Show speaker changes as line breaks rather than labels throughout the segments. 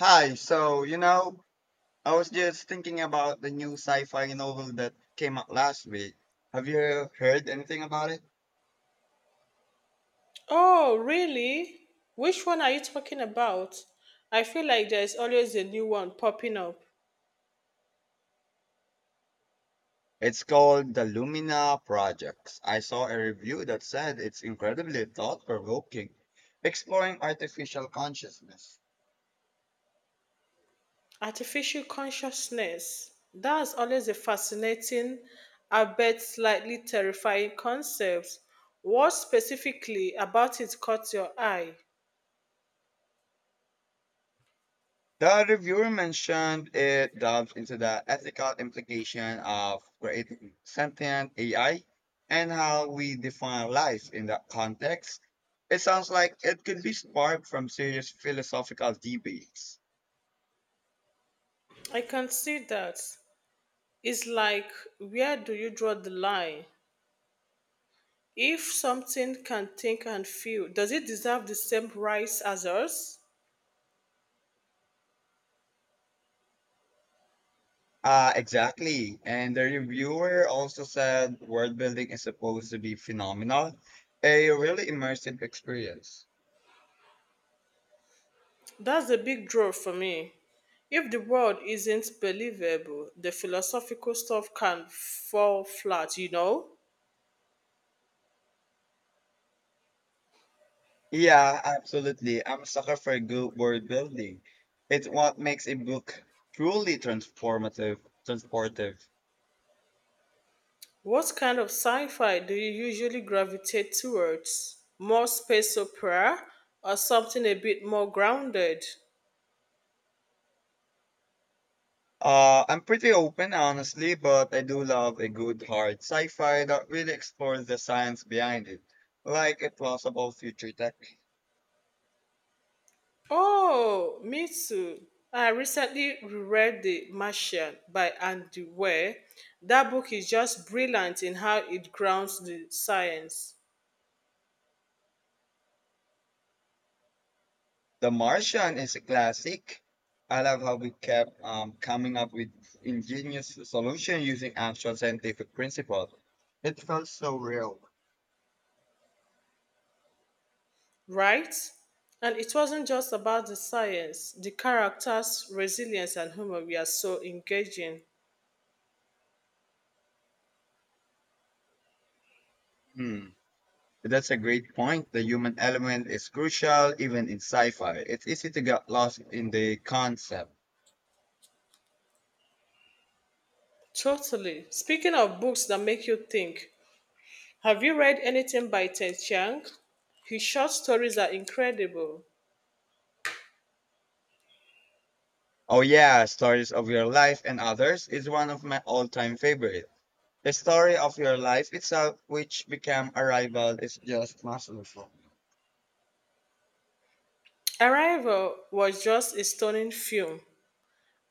Hi, so you know, I was just thinking about the new sci-fi novel that came out last week. Have you heard anything about it?
Oh, really? Which one are you talking about? I feel like there's always a new one popping up.
It's called The Lumina Projects. I saw a review that said it's incredibly thought-provoking, exploring artificial consciousness.
Artificial consciousness. That's always a fascinating, I bet slightly terrifying concept. What specifically about it caught your eye?
The reviewer mentioned it delves into the ethical implication of creating sentient AI and how we define life in that context. It sounds like it could be sparked from serious philosophical debates.
I can see that. It's like, where do you draw the line? If something can think and feel, does it deserve the same rights as us?
Exactly. And the reviewer also said world building is supposed to be phenomenal, a really immersive experience.
That's a big draw for me. If the world isn't believable, the philosophical stuff can fall flat, you know?
Yeah, absolutely. I'm a sucker for good word building. It's what makes a book truly transformative, transportive.
What kind of sci fi do you usually gravitate towards? More space opera or something a bit more grounded?
I'm pretty open, honestly, but I do love a good hard sci-fi that really explores the science behind it, like a plausible future tech.
Oh, me too. I recently reread The Martian by Andy Weir. That book is just brilliant in how it grounds the science.
The Martian is a classic. I love how we kept coming up with ingenious solution using actual scientific principle. It felt so real.
Right? And it wasn't just about the science, the characters, resilience, and humor were so engaging.
Hmm. That's a great point. The human element is crucial even in sci-fi. It's easy to get lost in the concept.
Totally. Speaking of books that make you think, have you read anything by Ted Chiang? His short stories are incredible.
Oh yeah, stories of your life and others is one of my all-time favorite. The story of your life itself, which became Arrival, is just masterful.
Arrival was just a stunning film,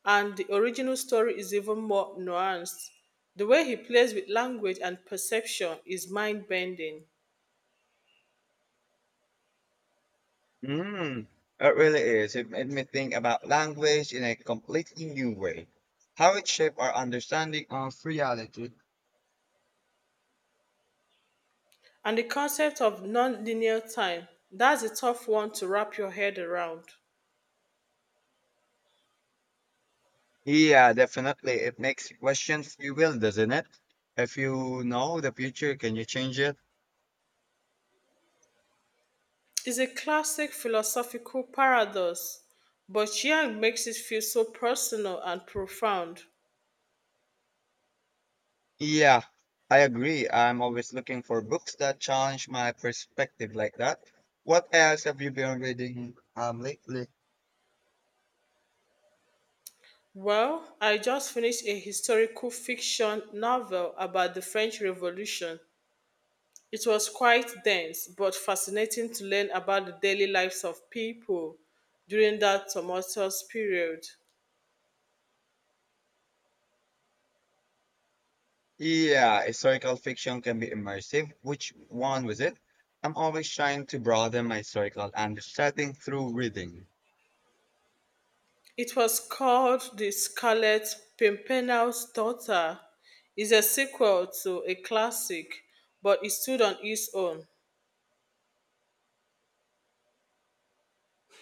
and the original story is even more nuanced. The way he plays with language and perception is mind bending.
Mm, it really is. It made me think about language in a completely new way. How it shaped our understanding of reality.
And the concept of non-linear time, that's a tough one to wrap your head around.
Yeah, definitely. It makes you question free will, doesn't it? If you know the future, can you change it?
It's a classic philosophical paradox, but Yang makes it feel so personal and profound.
Yeah, I agree. I'm always looking for books that challenge my perspective like that. What else have you been reading lately?
Well, I just finished a historical fiction novel about the French Revolution. It was quite dense, but fascinating to learn about the daily lives of people during that tumultuous period.
Yeah, historical fiction can be immersive. Which one was it? I'm always trying to broaden my historical understanding through reading.
It was called The Scarlet Pimpernel's Daughter. It's a sequel to a classic, but it stood on its own.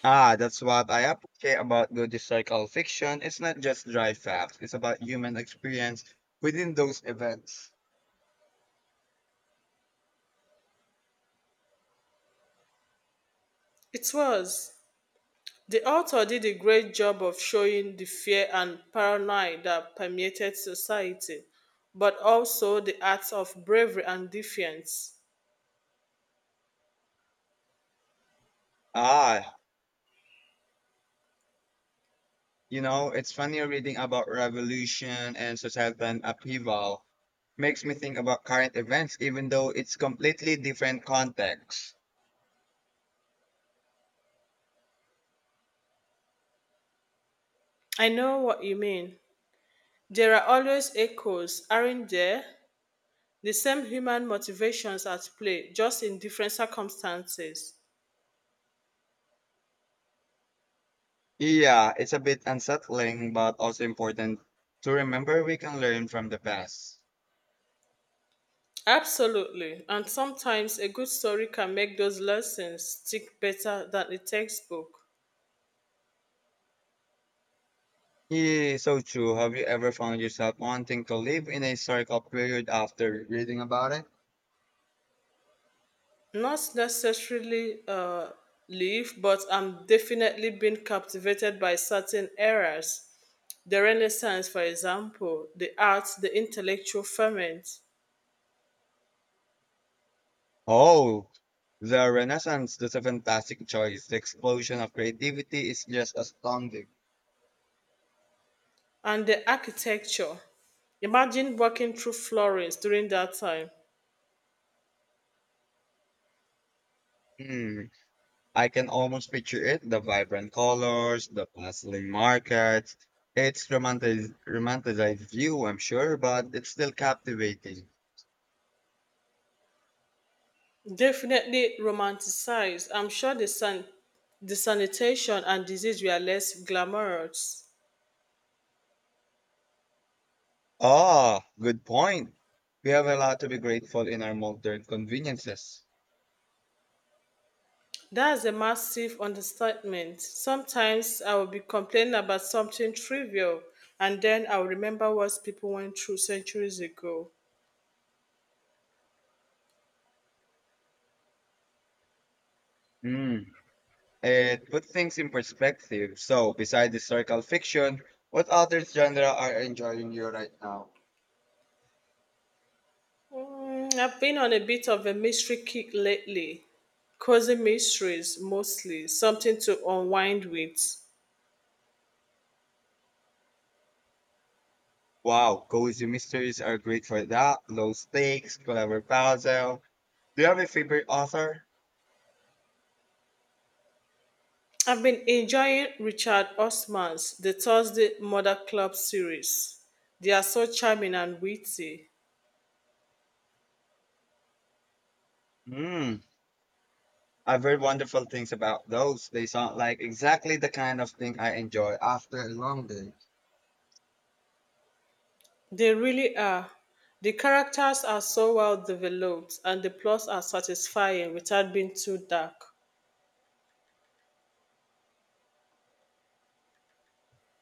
Ah, that's what I appreciate about good historical fiction. It's not just dry facts, it's about human experience within those events.
It was. The author did a great job of showing the fear and paranoia that permeated society, but also the acts of bravery and defiance.
Ah, you know, it's funny reading about revolution and societal upheaval makes me think about current events, even though it's completely different context.
I know what you mean. There are always echoes, aren't there? The same human motivations at play, just in different circumstances.
Yeah, it's a bit unsettling, but also important to remember we can learn from the past.
Absolutely. And sometimes a good story can make those lessons stick better than a textbook.
Yeah, so true. Have you ever found yourself wanting to live in a historical period after reading about it?
Not necessarily leave, but I'm definitely been captivated by certain eras. The Renaissance, for example, the arts, the intellectual ferment,
Oh, the Renaissance is a fantastic choice. The explosion of creativity is just astounding.
and the architecture. Imagine walking through Florence during that time.
Hmm. I can almost picture it, the vibrant colors, the bustling markets. It's romantic, romanticized view, I'm sure, but it's still captivating.
Definitely romanticized. I'm sure the the sanitation and disease were less glamorous.
Ah, good point. We have a lot to be grateful in our modern conveniences.
That's a massive understatement. Sometimes I will be complaining about something trivial, and then I'll remember what people went through centuries ago.
Hmm. It puts things in perspective. So, besides historical fiction, what other genre are enjoying you right now?
Mm, I've been on a bit of a mystery kick lately, causing mysteries mostly, something to unwind with.
Wow, cozy mysteries are great for that. Low stakes, clever puzzle. Do you have a favorite author?
I've been enjoying Richard Osman's The Thursday Murder Club series. They are so charming and witty.
Hmm, I've heard wonderful things about those. They sound like exactly the kind of thing I enjoy after a long day.
They really are. The characters are so well developed and the plots are satisfying without being too dark.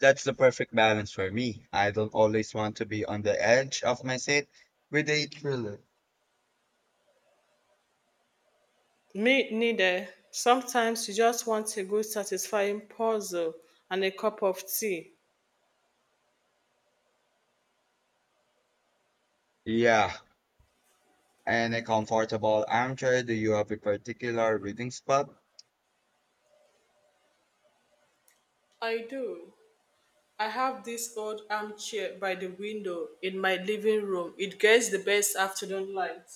That's the perfect balance for me. I don't always want to be on the edge of my seat with a thriller.
Me neither. Sometimes you just want a good satisfying puzzle and a cup of tea.
Yeah, and a comfortable armchair. Do you have a particular reading spot?
I do. I have this old armchair by the window in my living room. It gets the best afternoon light.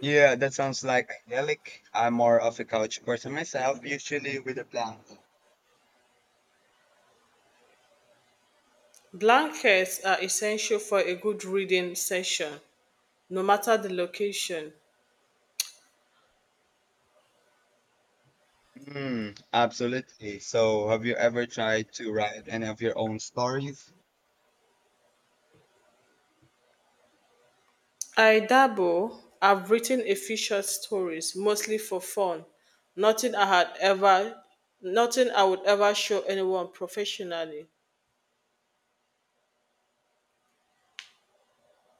Yeah, that sounds like idyllic. I'm more of a couch person myself, usually with a blanket.
Blankets are essential for a good reading session, no matter the location.
Mm, absolutely. So, have you ever tried to write any of your own stories?
I dabble. I've written a few short stories, mostly for fun. Nothing I had ever, nothing I would ever show anyone professionally.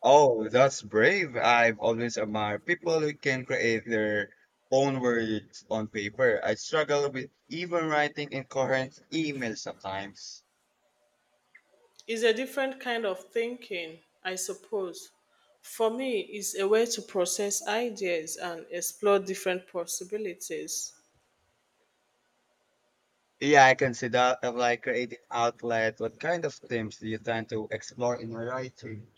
Oh, that's brave. I've always admired people who can create their own words on paper. I struggle with even writing incoherent emails sometimes.
It's a different kind of thinking, I suppose. For me, it's a way to process ideas and explore different possibilities.
Yeah, I can see that of like creating outlet. What kind of themes do you tend to explore in your writing?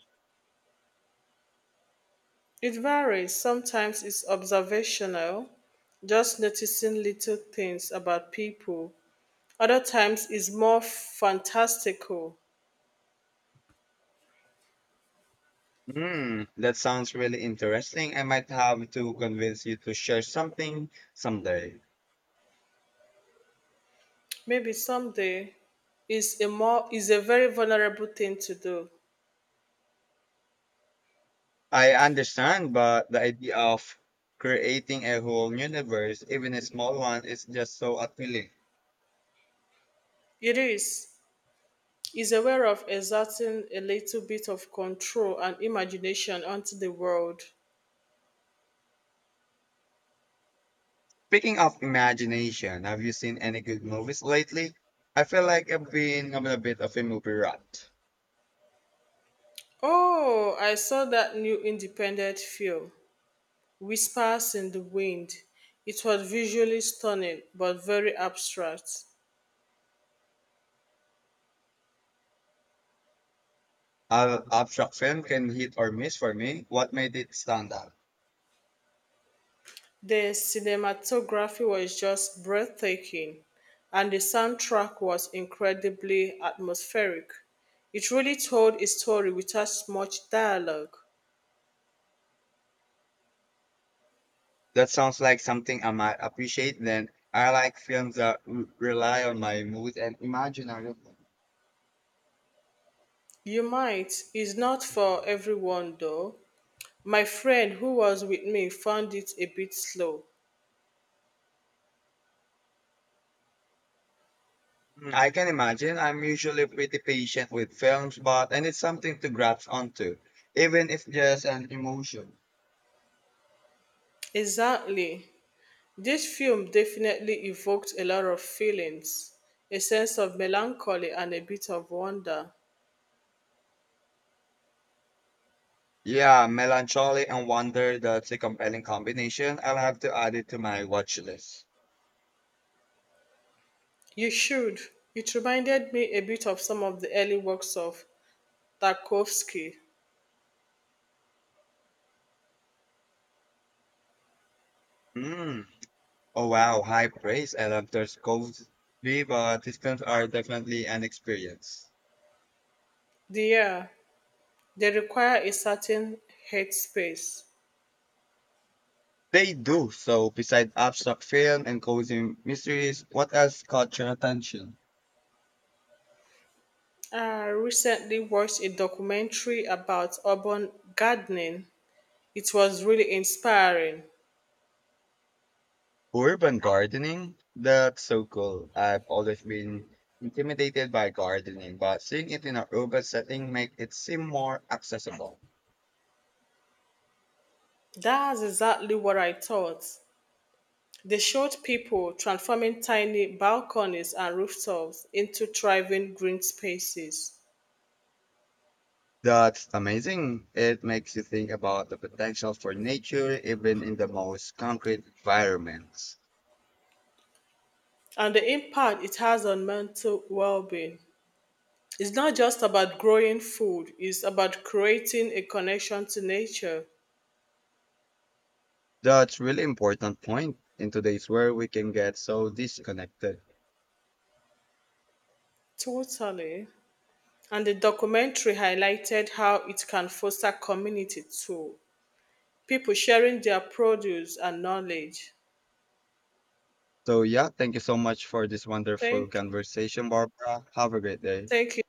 It varies. Sometimes it's observational, just noticing little things about people. Other times it's more fantastical.
Hmm, that sounds really interesting. I might have to convince you to share something someday.
Maybe someday is a very vulnerable thing to do.
I understand, but the idea of creating a whole universe, even a small one, is just so appealing.
It is. Is aware of exerting a little bit of control and imagination onto the world.
Speaking of imagination, have you seen any good movies lately? I feel like I've been on a bit of a movie rut.
Oh, I saw that new independent film. Whispers in the Wind. It was visually stunning but very abstract.
An abstract film can hit or miss for me. What made it stand out?
The cinematography was just breathtaking, and the soundtrack was incredibly atmospheric. It really told a story without much dialogue.
That sounds like something I might appreciate then. I like films that rely on my mood and imaginary.
You might, is not for everyone though. My friend who was with me found it a bit slow.
Mm, I can imagine. I'm usually pretty patient with films, but I need something to grasp onto, even if just an emotion.
Exactly. This film definitely evoked a lot of feelings, a sense of melancholy and a bit of wonder.
Yeah, melancholy and wonder, that's a compelling combination. I'll have to add it to my watch list.
You should. It reminded me a bit of some of the early works of Tarkovsky.
Mm. Oh wow, high praise. I love those codes, but these films are definitely an experience.
The air, they require a certain headspace.
They do. So besides abstract film and cozy mysteries, what else caught your attention?
I recently watched a documentary about urban gardening. It was really inspiring.
Urban gardening? That's so cool. I've always been intimidated by gardening, but seeing it in an urban setting makes it seem more accessible.
That's exactly what I thought. They showed people transforming tiny balconies and rooftops into thriving green spaces.
That's amazing. It makes you think about the potential for nature even in the most concrete environments.
And the impact it has on mental well being. It's not just about growing food, it's about creating a connection to nature.
That's really important point in today's world we can get so disconnected.
Totally. And the documentary highlighted how it can foster community too. People sharing their produce and knowledge.
So yeah, thank you so much for this wonderful
Thank you.
conversation, Barbara. Have a great day.
Thank you.